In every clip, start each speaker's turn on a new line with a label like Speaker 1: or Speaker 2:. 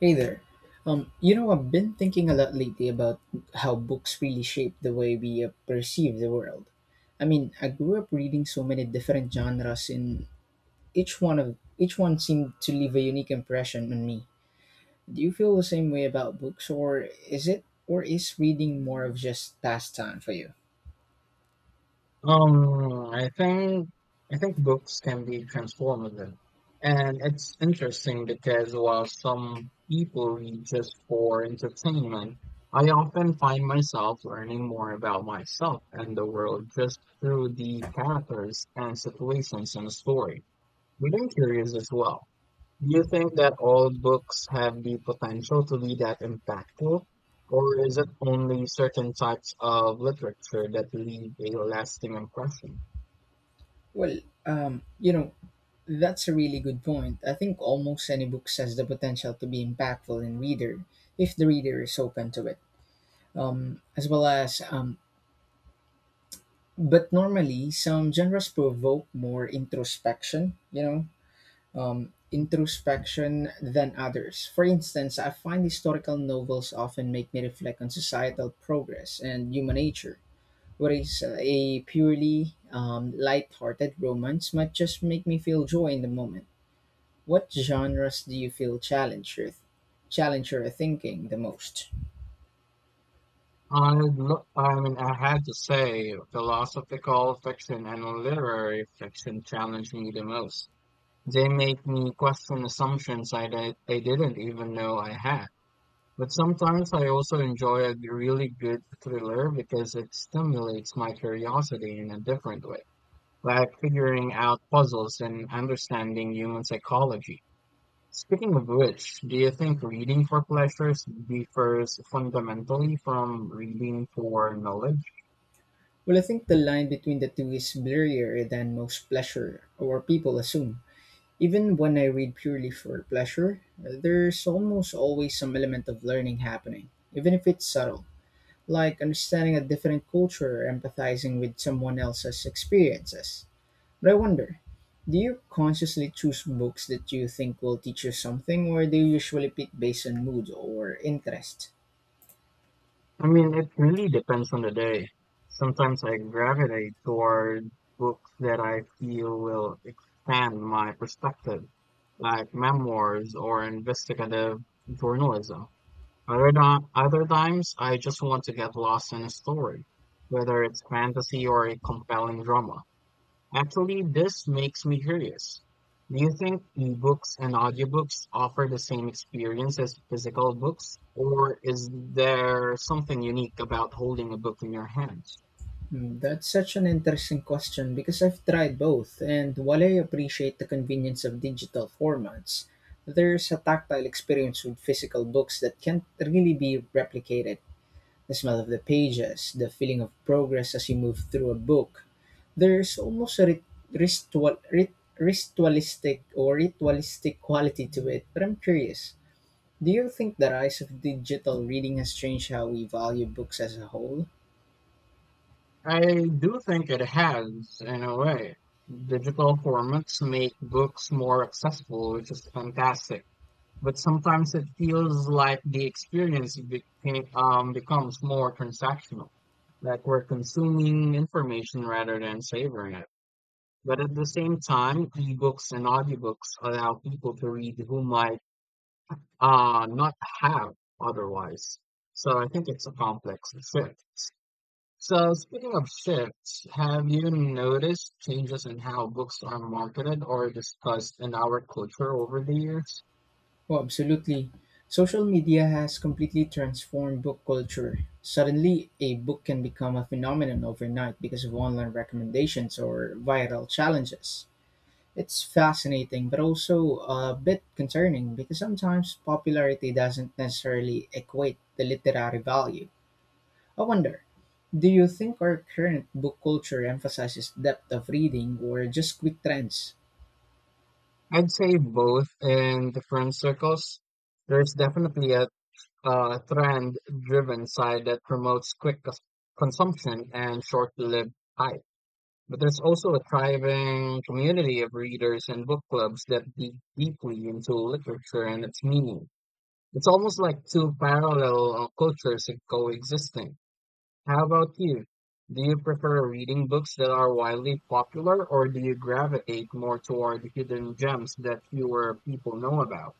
Speaker 1: Hey there. I've been thinking a lot lately about how books really shape the way we perceive the world. I mean, I grew up reading so many different genres, and each one seemed to leave a unique impression on me. Do you feel the same way about books, or or is reading more of just pastime for you?
Speaker 2: Um, I think I think books can be transformative. And it's interesting because while some people read just for entertainment, I often find myself learning more about myself and the world just through the characters and situations in a story. But I'm curious as well. Do you think that all books have the potential to be that impactful, or is it only certain types of literature that leave a lasting impression?
Speaker 1: Well, um, you know, that's a really good point. I think almost any book has the potential to be impactful in reader if the reader is open to it. As well as But normally some genres provoke more introspection, introspection than others. For instance, I find historical novels often make me reflect on societal progress and human nature, whereas a purely light-hearted romance might just make me feel joy in the moment. What genres do you feel challenge your thinking the most?
Speaker 2: I mean, I had to say, philosophical fiction and literary fiction challenge me the most. They make me question assumptions I didn't even know I had. But sometimes I also enjoy a really good thriller because it stimulates my curiosity in a different way, like figuring out puzzles and understanding human psychology. Speaking of which, do you think reading for pleasures differs fundamentally from reading for knowledge?
Speaker 1: Well, I think the line between the two is blurrier than most pleasure or people assume. Even when I read purely for pleasure, there's almost always some element of learning happening, even if it's subtle, like understanding a different culture or empathizing with someone else's experiences. But I wonder, do you consciously choose books that you think will teach you something, or do you usually pick based on mood or interest?
Speaker 2: I mean, it really depends on the day. Sometimes I gravitate toward books that I feel will expand my perspective, like memoirs or investigative journalism. Other times, I just want to get lost in a story, whether it's fantasy or a compelling drama. Actually, this makes me curious. Do you think ebooks and audiobooks offer the same experience as physical books, or is there something unique about holding a book in your hands?
Speaker 1: Hmm. That's such an interesting question because I've tried both, and while I appreciate the convenience of digital formats, there's a tactile experience with physical books that can't really be replicated. The smell of the pages, the feeling of progress as you move through a book. There's almost a ritualistic or ritualistic quality to it, but I'm curious. Do you think the rise of digital reading has changed how we value books as a whole?
Speaker 2: I do think it has, in a way. Digital formats make books more accessible, which is fantastic, but sometimes it feels like the experience becomes more transactional, like we're consuming information rather than savoring it. But at the same time, ebooks and audiobooks allow people to read who might not have otherwise. So I think it's a complex shift. So speaking of shifts, have you noticed changes in how books are marketed or discussed in our culture over the years?
Speaker 1: Oh, absolutely. Social media has completely transformed book culture. Suddenly, a book can become a phenomenon overnight because of online recommendations or viral challenges. It's fascinating, but also a bit concerning because sometimes popularity doesn't necessarily equate the literary value. I wonder, do you think our current book culture emphasizes depth of reading or just quick trends?
Speaker 2: I'd say both in different circles. There's definitely a trend driven side that promotes consumption and short lived hype. But there's also a thriving community of readers and book clubs that dig deeply into literature and its meaning. It's almost like two parallel cultures coexisting. How about you? Do you prefer reading books that are widely popular, or do you gravitate more toward hidden gems that fewer people know about?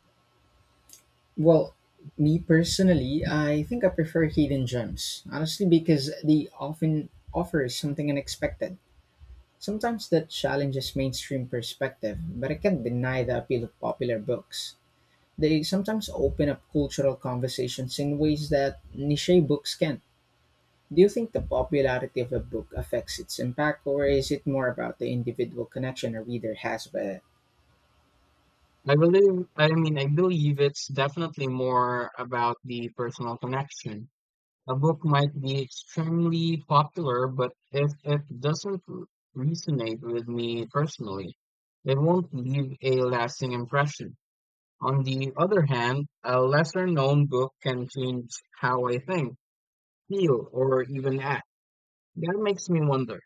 Speaker 1: Well, me personally, I think I prefer hidden gems, honestly, because they often offer something unexpected. Sometimes that challenges mainstream perspective, but I can't deny the appeal of popular books. They sometimes open up cultural conversations in ways that niche books can. Do you think the popularity of a book affects its impact, or is it more about the individual connection a reader has with it?
Speaker 2: I mean, I believe it's definitely more about the personal connection. A book might be extremely popular, but if it doesn't r- resonate with me personally, it won't leave a lasting impression. On the other hand, a lesser known book can change how I think, feel or even act. That makes me wonder.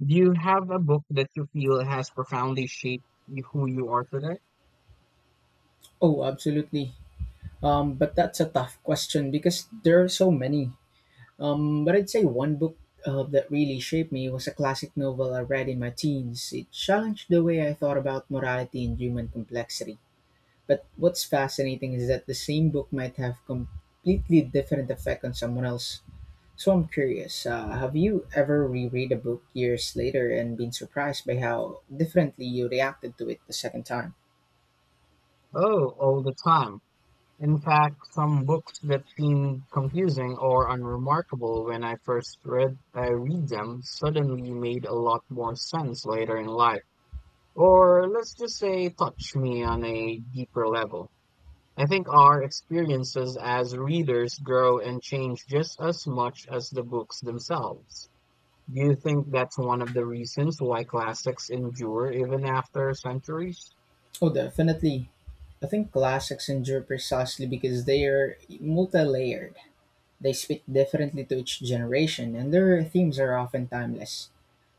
Speaker 2: Do you have a book that you feel has profoundly shaped who you are today?
Speaker 1: Oh, absolutely. But that's a tough question because there are so many. But I'd say one book that really shaped me was a classic novel I read in my teens. It challenged the way I thought about morality and human complexity. But what's fascinating is that the same book might have completely different effect on someone else. So I'm curious, have you ever reread a book years later and been surprised by how differently you reacted to it the second time?
Speaker 2: Oh, all the time. In fact, some books that seem confusing or unremarkable when I first read, I read them suddenly made a lot more sense later in life. Or let's just say touch me on a deeper level. I think our experiences as readers grow and change just as much as the books themselves. Do you think that's one of the reasons why classics endure even after centuries?
Speaker 1: Oh, definitely. I think classics endure precisely because they are multi-layered. They speak differently to each generation, and their themes are often timeless.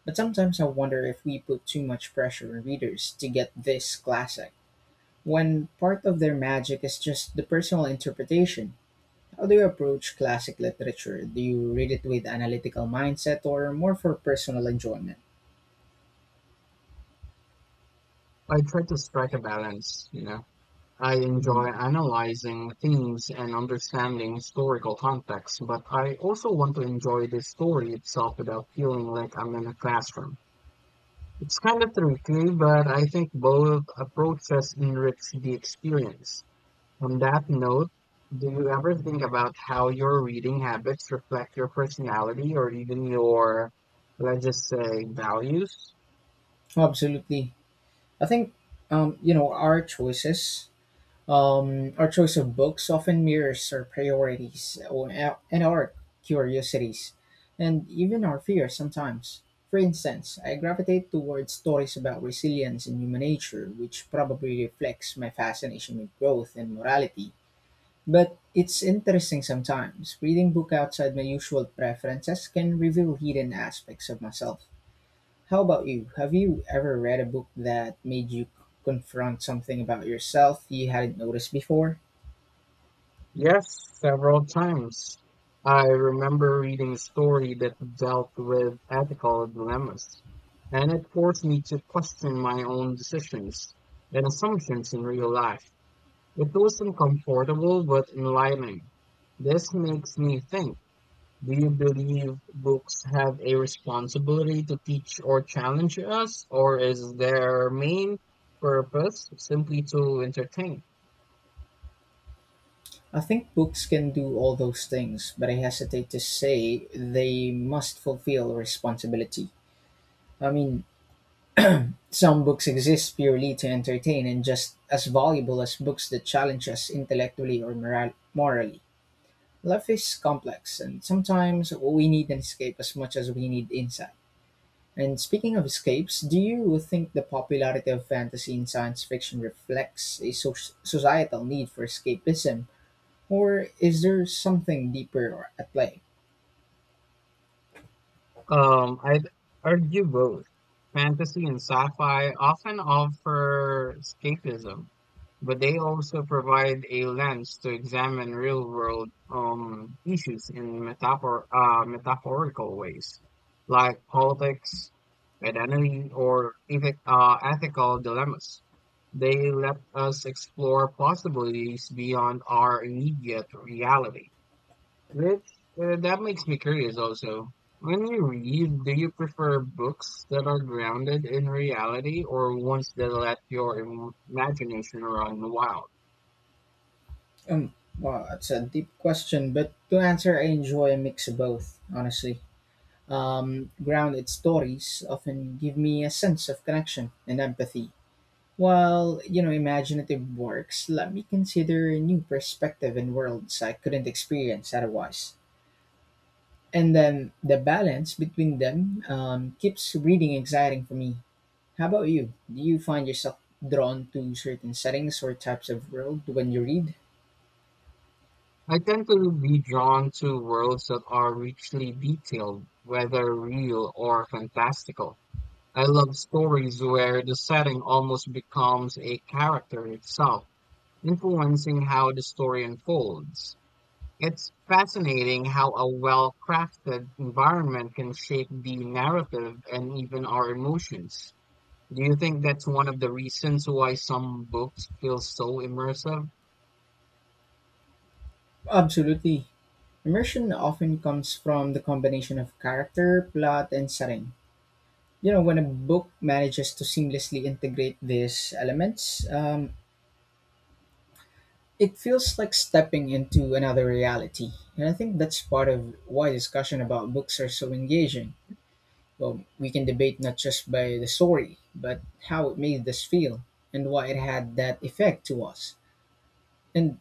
Speaker 1: But sometimes I wonder if we put too much pressure on readers to get this classic, when part of their magic is just the personal interpretation. How do you approach classic literature? Do you read it with analytical mindset or more for personal enjoyment?
Speaker 2: I try to strike a balance, you know. I enjoy
Speaker 1: Mhm.
Speaker 2: analyzing themes and understanding historical context, but I also want to enjoy the story itself without feeling like I'm in a classroom. It's kind of tricky, but I think both approaches enrich the experience. On that note, do you ever think about how your reading habits reflect your personality or even your, let's just say, values?
Speaker 1: Oh, absolutely. I think, you know, our choices Our choice of books often mirrors our priorities and our curiosities, and even our fears sometimes. For instance, I gravitate towards stories about resilience and human nature, which probably reflects my fascination with growth and morality. But it's interesting sometimes. Reading book outside my usual preferences can reveal hidden aspects of myself. How about you? Have you ever read a book that made you confront something about yourself you hadn't noticed before?
Speaker 2: Yes, several times. I remember reading a story that dealt with ethical dilemmas, and it forced me to question my own decisions and assumptions in real life. It was uncomfortable but enlightening. This makes me think. Do you believe books have a responsibility to teach or challenge us, or is their main purpose simply to entertain?
Speaker 1: I think books can do all those things, but I hesitate to say they must fulfill responsibility. I mean, some books exist purely to entertain and just as valuable as books that challenge us intellectually or morally. Life is complex, and sometimes we need an escape as much as we need insight. And speaking of escapes, do you think the popularity of fantasy and science fiction reflects a societal need for escapism, or is there something deeper at play?
Speaker 2: I'd argue both. Fantasy and sci-fi often offer escapism, but they also provide a lens to examine real-world issues in metaphorical ways, like politics, identity, or ethical dilemmas. They let us explore possibilities beyond our immediate reality. That that makes me curious also. When you read, do you prefer books that are grounded in reality or ones that let your imagination run wild?
Speaker 1: Um, well, that's a deep question, but to answer, I enjoy a mix of both, honestly. Grounded stories often give me a sense of connection and empathy, while, you know, imaginative works let me consider a new perspective and worlds I couldn't experience otherwise. And then the balance between them keeps reading exciting for me. How about you? Do you find yourself drawn to certain settings or types of world when you read?
Speaker 2: I tend to be drawn to worlds that are richly detailed, whether real or fantastical. I love stories where the setting almost becomes a character itself, influencing how the story unfolds. It's fascinating how a well-crafted environment can shape the narrative and even our emotions. Do you think that's one of the reasons why some books feel so immersive?
Speaker 1: Absolutely. Immersion often comes from the combination of character, plot, and setting. You know, when a book manages to seamlessly integrate these elements, it feels like stepping into another reality. And I think that's part of why discussion about books are so engaging. Well, we can debate not just by the story, but how it made us feel and why it had that effect to us. And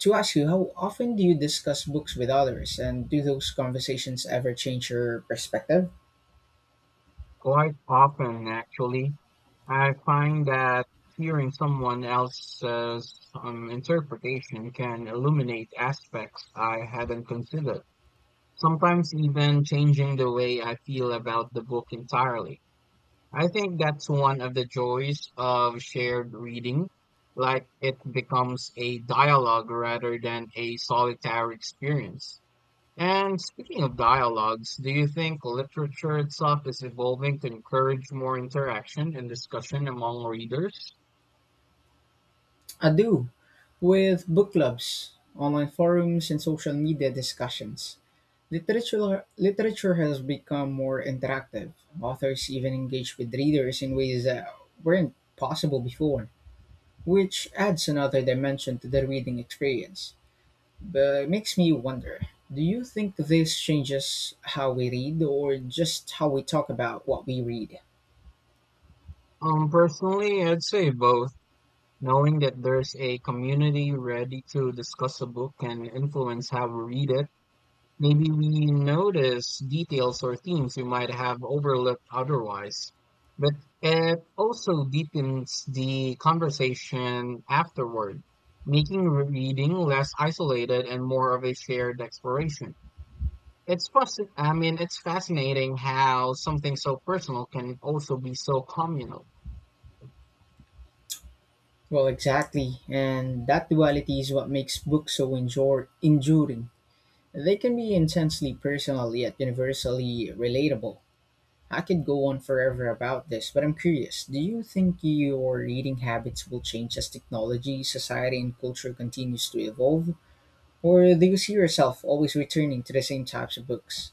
Speaker 1: to ask you, how often do you discuss books with others, and do those conversations ever change your perspective?
Speaker 2: Quite often, actually. I find that hearing someone else's interpretation can illuminate aspects I hadn't considered, sometimes even changing the way I feel about the book entirely. I think that's one of the joys of shared reading. Like it becomes a dialogue rather than a solitary experience. And speaking of dialogues, do you think literature itself is evolving to encourage more interaction and discussion among readers?
Speaker 1: I do, with book clubs, online forums, and social media discussions. Literature has become more interactive. Authors even engage with readers in ways that weren't possible before, which adds another dimension to the reading experience. But it makes me wonder, do you think this changes how we read or just how we talk about what we read?
Speaker 2: Personally, I'd say both. Knowing that there's a community ready to discuss a book can influence how we read it. Maybe we notice details or themes we might have overlooked otherwise. But it also deepens the conversation afterward, making reading less isolated and more of a shared exploration. I mean, it's fascinating how something so personal can also be so communal.
Speaker 1: Well, exactly, and that duality is what makes books so enduring. They can be intensely personal yet universally relatable. I could go on forever about this, but I'm curious. Do you think your reading habits will change as technology, society, and culture continues to evolve? Or do you see yourself always returning to the same types of books?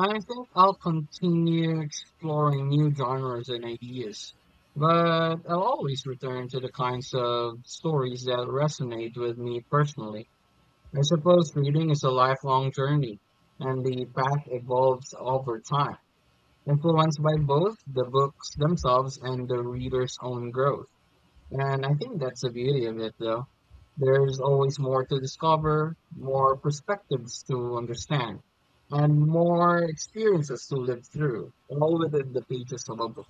Speaker 2: I think I'll continue exploring new genres and ideas, but I'll always return to the kinds of stories that resonate with me personally. I suppose reading is a lifelong journey, and the path evolves over time, influenced by both the books themselves and the reader's own growth. And I think that's the beauty of it, though. There's always more to discover, more perspectives to understand, and more experiences to live through, all within the pages of a book.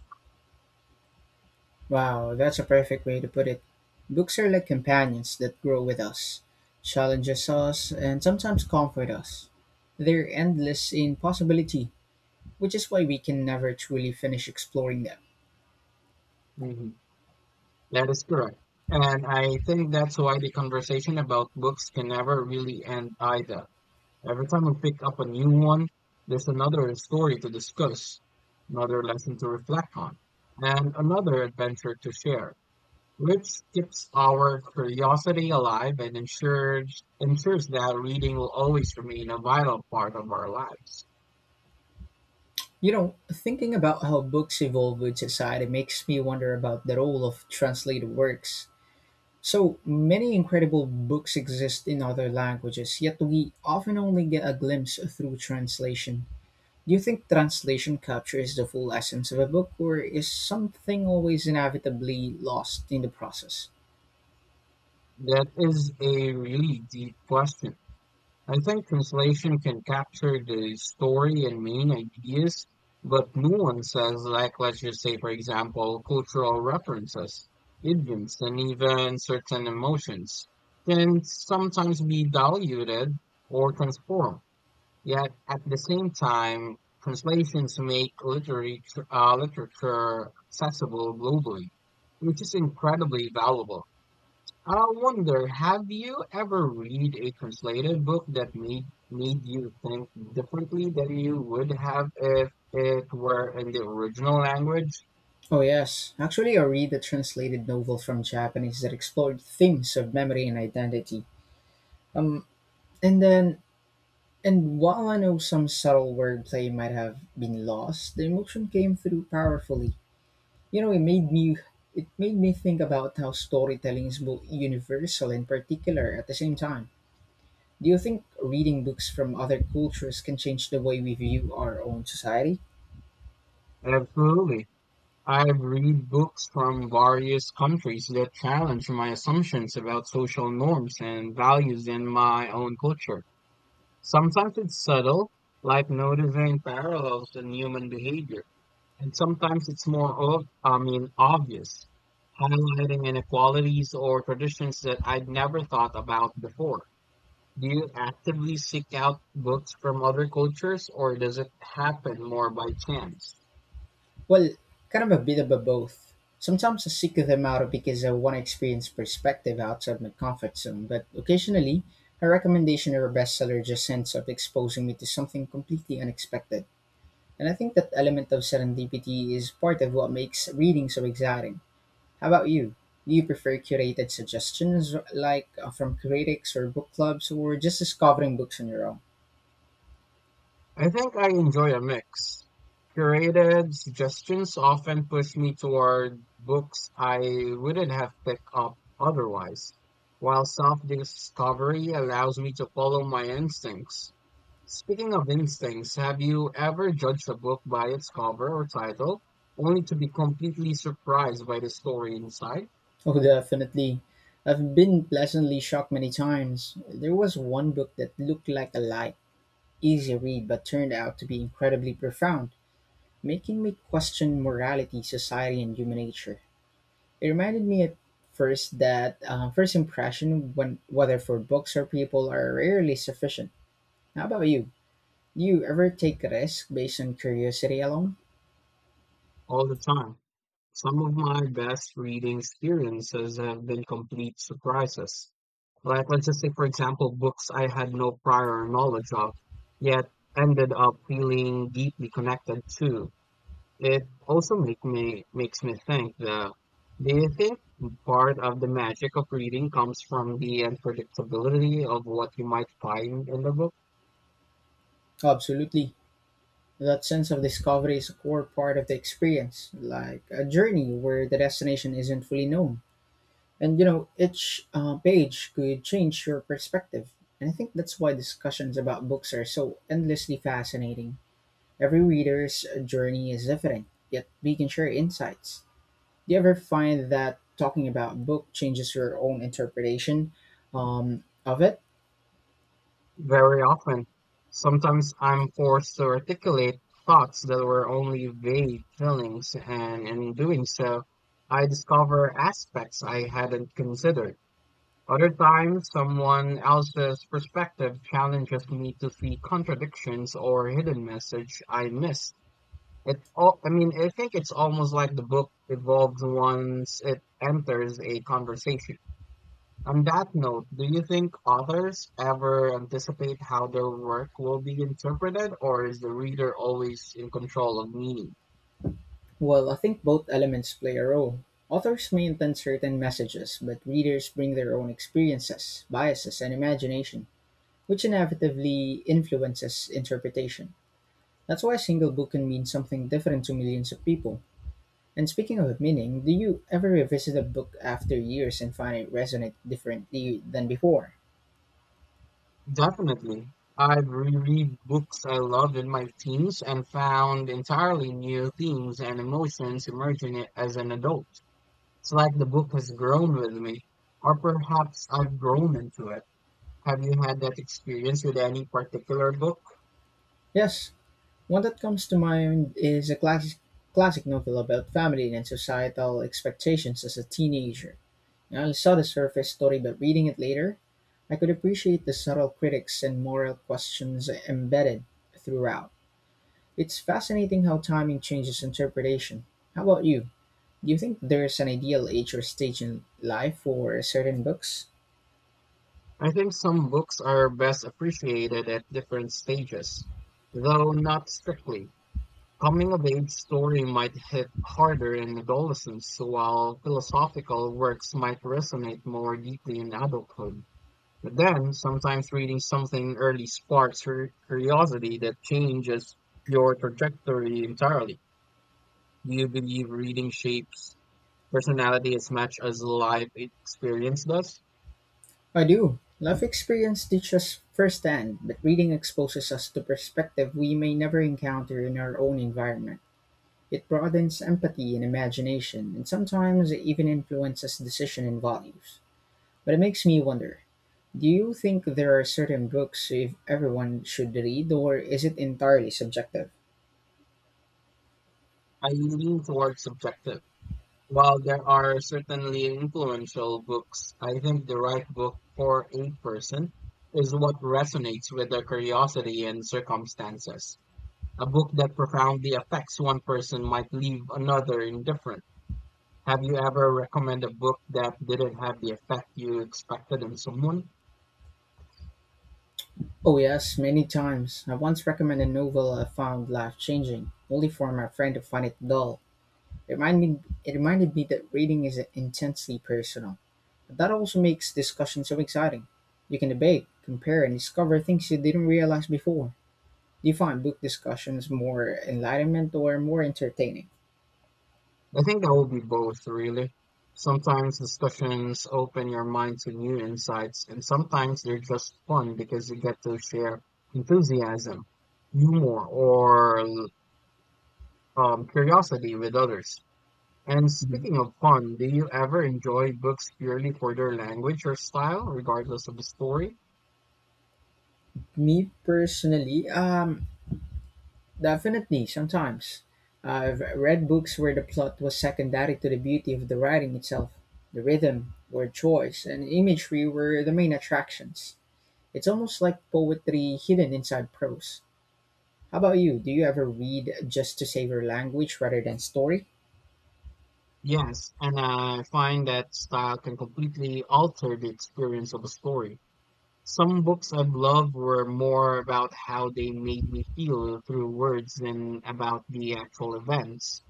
Speaker 1: Wow, that's a perfect way to put it. Books are like companions that grow with us, challenges us, and sometimes comfort us. They're endless in possibility, which is why we can never truly finish exploring them.
Speaker 2: Hmm. That is correct. And I think that's why the conversation about books can never really end either. Every time we pick up a new one, there's another story to discuss, another lesson to reflect on, and another adventure to share, which keeps our curiosity alive and ensures that reading will always remain a vital part of our lives.
Speaker 1: You know, thinking about how books evolve with society makes me wonder about the role of translated works. So many incredible books exist in other languages, yet we often only get a glimpse through translation. Do you think translation captures the full essence of a book, or is something always inevitably lost in the process?
Speaker 2: That is a really deep question. I think translation can capture the story and main ideas, but nuances like, let's just say for example, cultural references, idioms, and even certain emotions can sometimes be diluted or transformed. Yet at the same time, translations make literature accessible globally, which is incredibly valuable. I wonder, have you ever read a translated book that made you think differently than you would have if it were in the original language?
Speaker 1: Oh, yes. Actually, I read a translated novel from Japanese that explored themes of memory and identity. Um, and then And while I know some subtle wordplay might have been lost, the emotion came through powerfully. You know, it made me think about how storytelling is both universal and particular at the same time. Do you think reading books from other cultures can change the way we view our own society?
Speaker 2: Absolutely. I've read books from various countries that challenge my assumptions about social norms and values in my own culture. Sometimes it's subtle, like noticing parallels in human behavior, and sometimes it's more obvious, highlighting inequalities or traditions that I'd never thought about before. Do you actively seek out books from other cultures, or does it happen more by chance?
Speaker 1: Well, kind of a bit of a both. Sometimes I seek them out because I want to experience perspective outside my comfort zone, but occasionally, a recommendation or a bestseller just ends up exposing me to something completely unexpected. And I think that element of serendipity is part of what makes reading so exciting. How about you? Do you prefer curated suggestions like from critics or book clubs, or just discovering books on your own?
Speaker 2: I think I enjoy a mix. Curated suggestions often push me toward books I wouldn't have picked up otherwise, while self-discovery allows me to follow my instincts. Speaking of instincts, have you ever judged a book by its cover or title, only to be completely surprised by the story inside?
Speaker 1: Oh, definitely. I've been pleasantly shocked many times. There was one book that looked like a light, easy read, but turned out to be incredibly profound, making me question morality, society, and human nature. It reminded me at first that first impression, when whether for books or people, are rarely sufficient. How about you? Do you ever take risks based on curiosity alone?
Speaker 2: All the time. Some of my best reading experiences have been complete surprises. Like let's just say, for example, books I had no prior knowledge of, yet ended up feeling deeply connected to. It also make me makes me think that, do you think part of the magic of reading comes from the unpredictability of what you might find in the book?
Speaker 1: Absolutely. That sense of discovery is a core part of the experience, like a journey where the destination isn't fully known. And you know, each page could change your perspective. And I think that's why discussions about books are so endlessly fascinating. Every reader's journey is different, yet we can share insights. Do you ever find that talking about a book changes your own interpretation of it?
Speaker 2: Very often, sometimes I'm forced to articulate thoughts that were only vague feelings, and in doing so, I discover aspects I hadn't considered. Other times, someone else's perspective challenges me to see contradictions or hidden message I missed. I mean, I think it's almost like the book evolves once it enters a conversation. On that note, do you think authors ever anticipate how their work will be interpreted, or is the reader always in control of meaning?
Speaker 1: Well, I think both elements play a role. Authors may intend certain messages, but readers bring their own experiences, biases, and imagination, which inevitably influences interpretation. That's why a single book can mean something different to millions of people. And speaking of meaning, do you ever revisit a book after years and find it resonate differently than before?
Speaker 2: Definitely. I've reread books I loved in my teens and found entirely new themes and emotions as an adult. It's like the book has grown with me, or perhaps I've grown into it. Have you had that experience with any particular book?
Speaker 1: Yes, one that comes to mind is a classic novel about family and societal expectations as a teenager. I saw the surface story, but reading it later, I could appreciate the subtle critics and moral questions embedded throughout. It's fascinating how timing changes interpretation. How about you? Do you think there's an ideal age or stage in life for certain books?
Speaker 2: I think some books are best appreciated at different stages, though not strictly. Coming of age story might hit harder in adolescence, while philosophical works might resonate more deeply in adulthood. But then, sometimes reading something early sparks your curiosity that changes your trajectory entirely. Do you believe reading shapes personality as much as life experience does?
Speaker 1: I do. Life experience teaches firsthand, but reading exposes us to perspective we may never encounter in our own environment. It broadens empathy and imagination, and sometimes it even influences decision and values. But it makes me wonder, do you think there are certain books if everyone should read, or is it entirely subjective?
Speaker 2: I lean towards subjective. While there are certainly influential books, I think the right book for a person is what resonates with their curiosity and circumstances. A book that profoundly affects one person might leave another indifferent. Have you ever recommended a book that didn't have the effect you expected on someone?
Speaker 1: Oh, yes, many times. I once recommended a novel I found life changing, only for my friend to find it dull. It reminded me that reading is intensely personal. That also makes discussion so exciting. You can debate, compare, and discover things you didn't realize before. Do you find book discussions more enlightenment or more entertaining?
Speaker 2: I think that will be both, really. Sometimes discussions open your mind to new insights, and sometimes they're just fun because you get to share enthusiasm, humor, or curiosity with others. And
Speaker 1: Mhm.
Speaker 2: speaking of fun, do you ever enjoy books purely for their language or style, regardless of the story?
Speaker 1: Me personally, definitely sometimes. I've read books where the plot was secondary to the beauty of the writing itself. The rhythm, word choice, and imagery were the main attractions. It's almost like poetry hidden inside prose. How about you? Do you ever read just to savor language rather than story?
Speaker 2: Yes, and I find that style can completely alter the experience of a story. Some books I've loved were more about how they made me feel through words than about the actual events.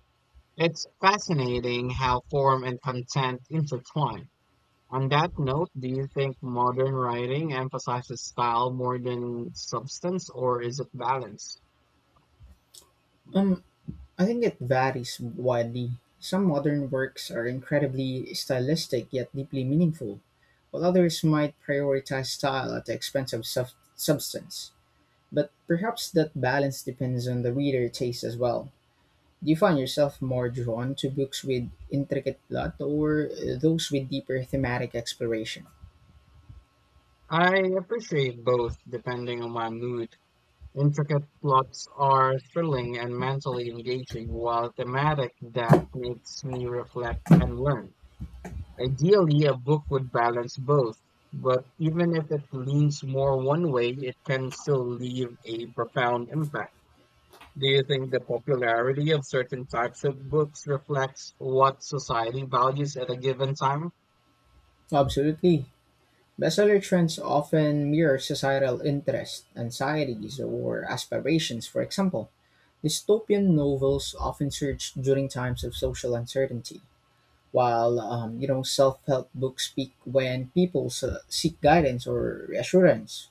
Speaker 2: It's fascinating how form and content intertwine. On that note, do you think modern writing emphasizes style more than substance, or is it balanced?
Speaker 1: Um, I think it varies widely. Some modern works are incredibly stylistic yet deeply meaningful, while others might prioritize style at the expense of substance. But perhaps that balance depends on the reader taste as well. Do you find yourself more drawn to books with intricate plot or those with deeper thematic exploration?
Speaker 2: I appreciate both depending on my mood. Intricate plots are thrilling and mentally engaging, while thematic depth makes me reflect and learn. Ideally, a book would balance both, but even if it leans more one way, it can still leave a profound impact. Do you think the popularity of certain types of books reflects what society values at a given time?
Speaker 1: Absolutely. Bestseller trends often mirror societal interests, anxieties, or aspirations. For example, dystopian novels often surge during times of social uncertainty, while self-help books peak when seek guidance or reassurance.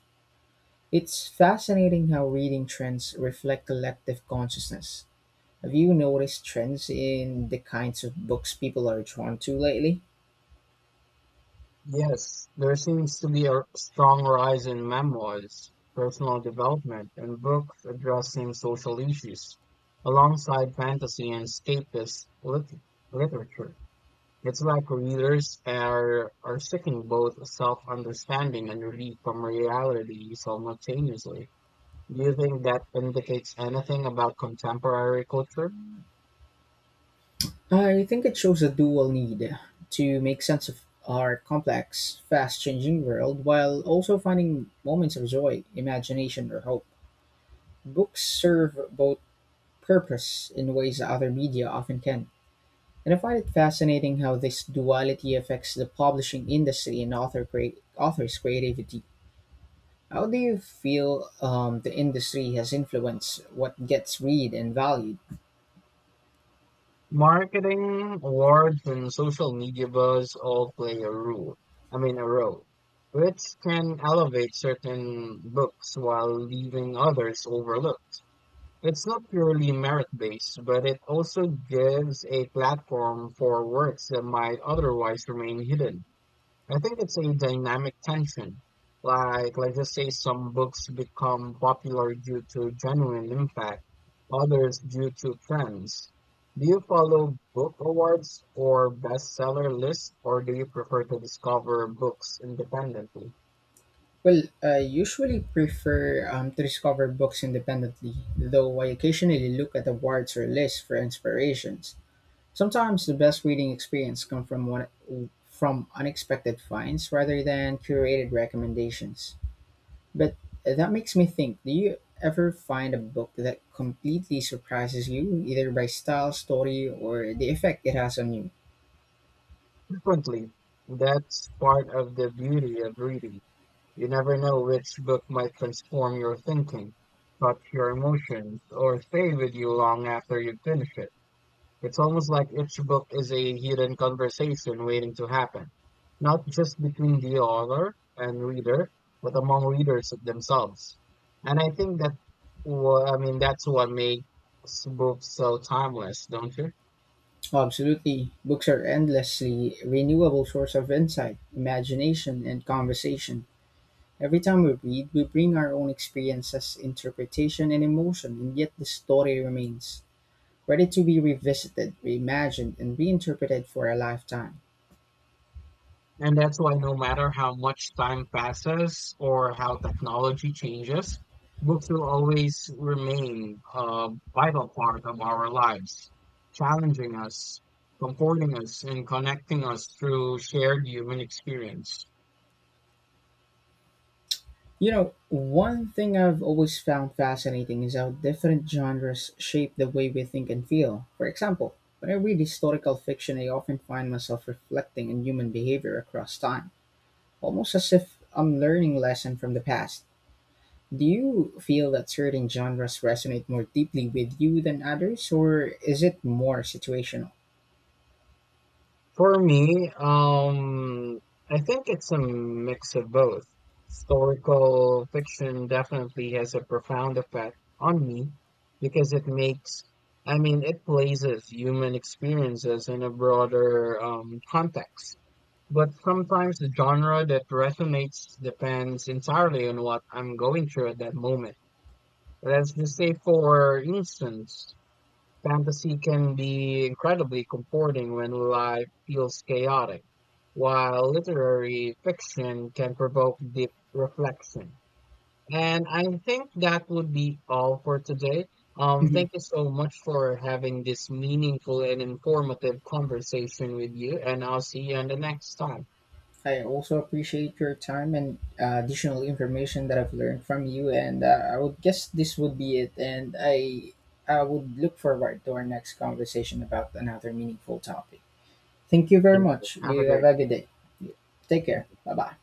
Speaker 1: It's fascinating how reading trends reflect collective consciousness. Have you noticed trends in the kinds of books people are drawn to lately?
Speaker 2: Yes, there seems to be a strong rise in memoirs, personal development, and books addressing social issues, alongside fantasy and escapist literature. It's like readers are seeking both self-understanding and relief from reality simultaneously. Do you think that indicates anything about contemporary culture?
Speaker 1: I think it shows a dual need to make sense of our complex, fast changing world while also finding moments of joy, imagination, or hope. Books serve both purpose in ways other media often can. And I find it fascinating how this duality affects the publishing industry and authors' creativity. How do you feel the industry has influenced what gets read and valued?
Speaker 2: Marketing, awards, and social media buzz all play a role. I mean, a role, which can elevate certain books while leaving others overlooked. It's not purely merit based, but it also gives a platform for works that might otherwise remain hidden. I think it's a dynamic tension. Like, let's just say some books become popular due to genuine impact, others due to trends. Do you follow book awards or bestseller lists, or do you prefer to discover books independently?
Speaker 1: Well, I usually prefer to discover books independently, though I occasionally look at awards or lists for inspirations. Sometimes the best reading experience come from from unexpected finds rather than curated recommendations. But that makes me think, do you ever find a book that completely surprises you either by style, story, or the effect it has on you?
Speaker 2: Frequently, that's part of the beauty of reading. You never know which book might transform your thinking, touch your emotions, or stay with you long after you finish it. It's almost like each book is a hidden conversation waiting to happen, not just between the author and reader, but among readers themselves. And I think that, that's what makes books so timeless, don't you?
Speaker 1: Oh, absolutely. Books are endlessly renewable source of insight, imagination, and conversation. Every time we read, we bring our own experiences, interpretation, and emotion, and yet the story remains, ready to be revisited, reimagined, and reinterpreted for a lifetime.
Speaker 2: And that's why no matter how much time passes or how technology changes, books will always remain a vital part of our lives, challenging us, comforting us, and connecting us through shared human experience.
Speaker 1: You know, one thing I've always found fascinating is how different genres shape the way we think and feel. For example, when I read historical fiction, I often find myself reflecting on human behavior across time, almost as if I'm learning a lesson from the past. Do you feel that certain genres resonate more deeply with you than others, or is it more situational?
Speaker 2: For me, I think it's a mix of both. Historical fiction definitely has a profound effect on me because it makes, I mean, it places human experiences in a broader context. But sometimes the genre that resonates depends entirely on what I'm going through at that moment. Let's just say, for instance, fantasy can be incredibly comforting when life feels chaotic, while literary fiction can provoke deep reflection. And I think that would be all for today. Thank you so much for having this meaningful and informative conversation with you, and I'll see you on the next time.
Speaker 1: I also appreciate your time and additional information that I've learned from you. And I would guess this would be it. And I would look forward to our next conversation about another meaningful topic. Thank you very
Speaker 2: Thank you.
Speaker 1: much.
Speaker 2: Have a
Speaker 1: You have
Speaker 2: great
Speaker 1: a
Speaker 2: day.
Speaker 1: good day. Take
Speaker 2: Thank
Speaker 1: care.
Speaker 2: you.
Speaker 1: Bye bye.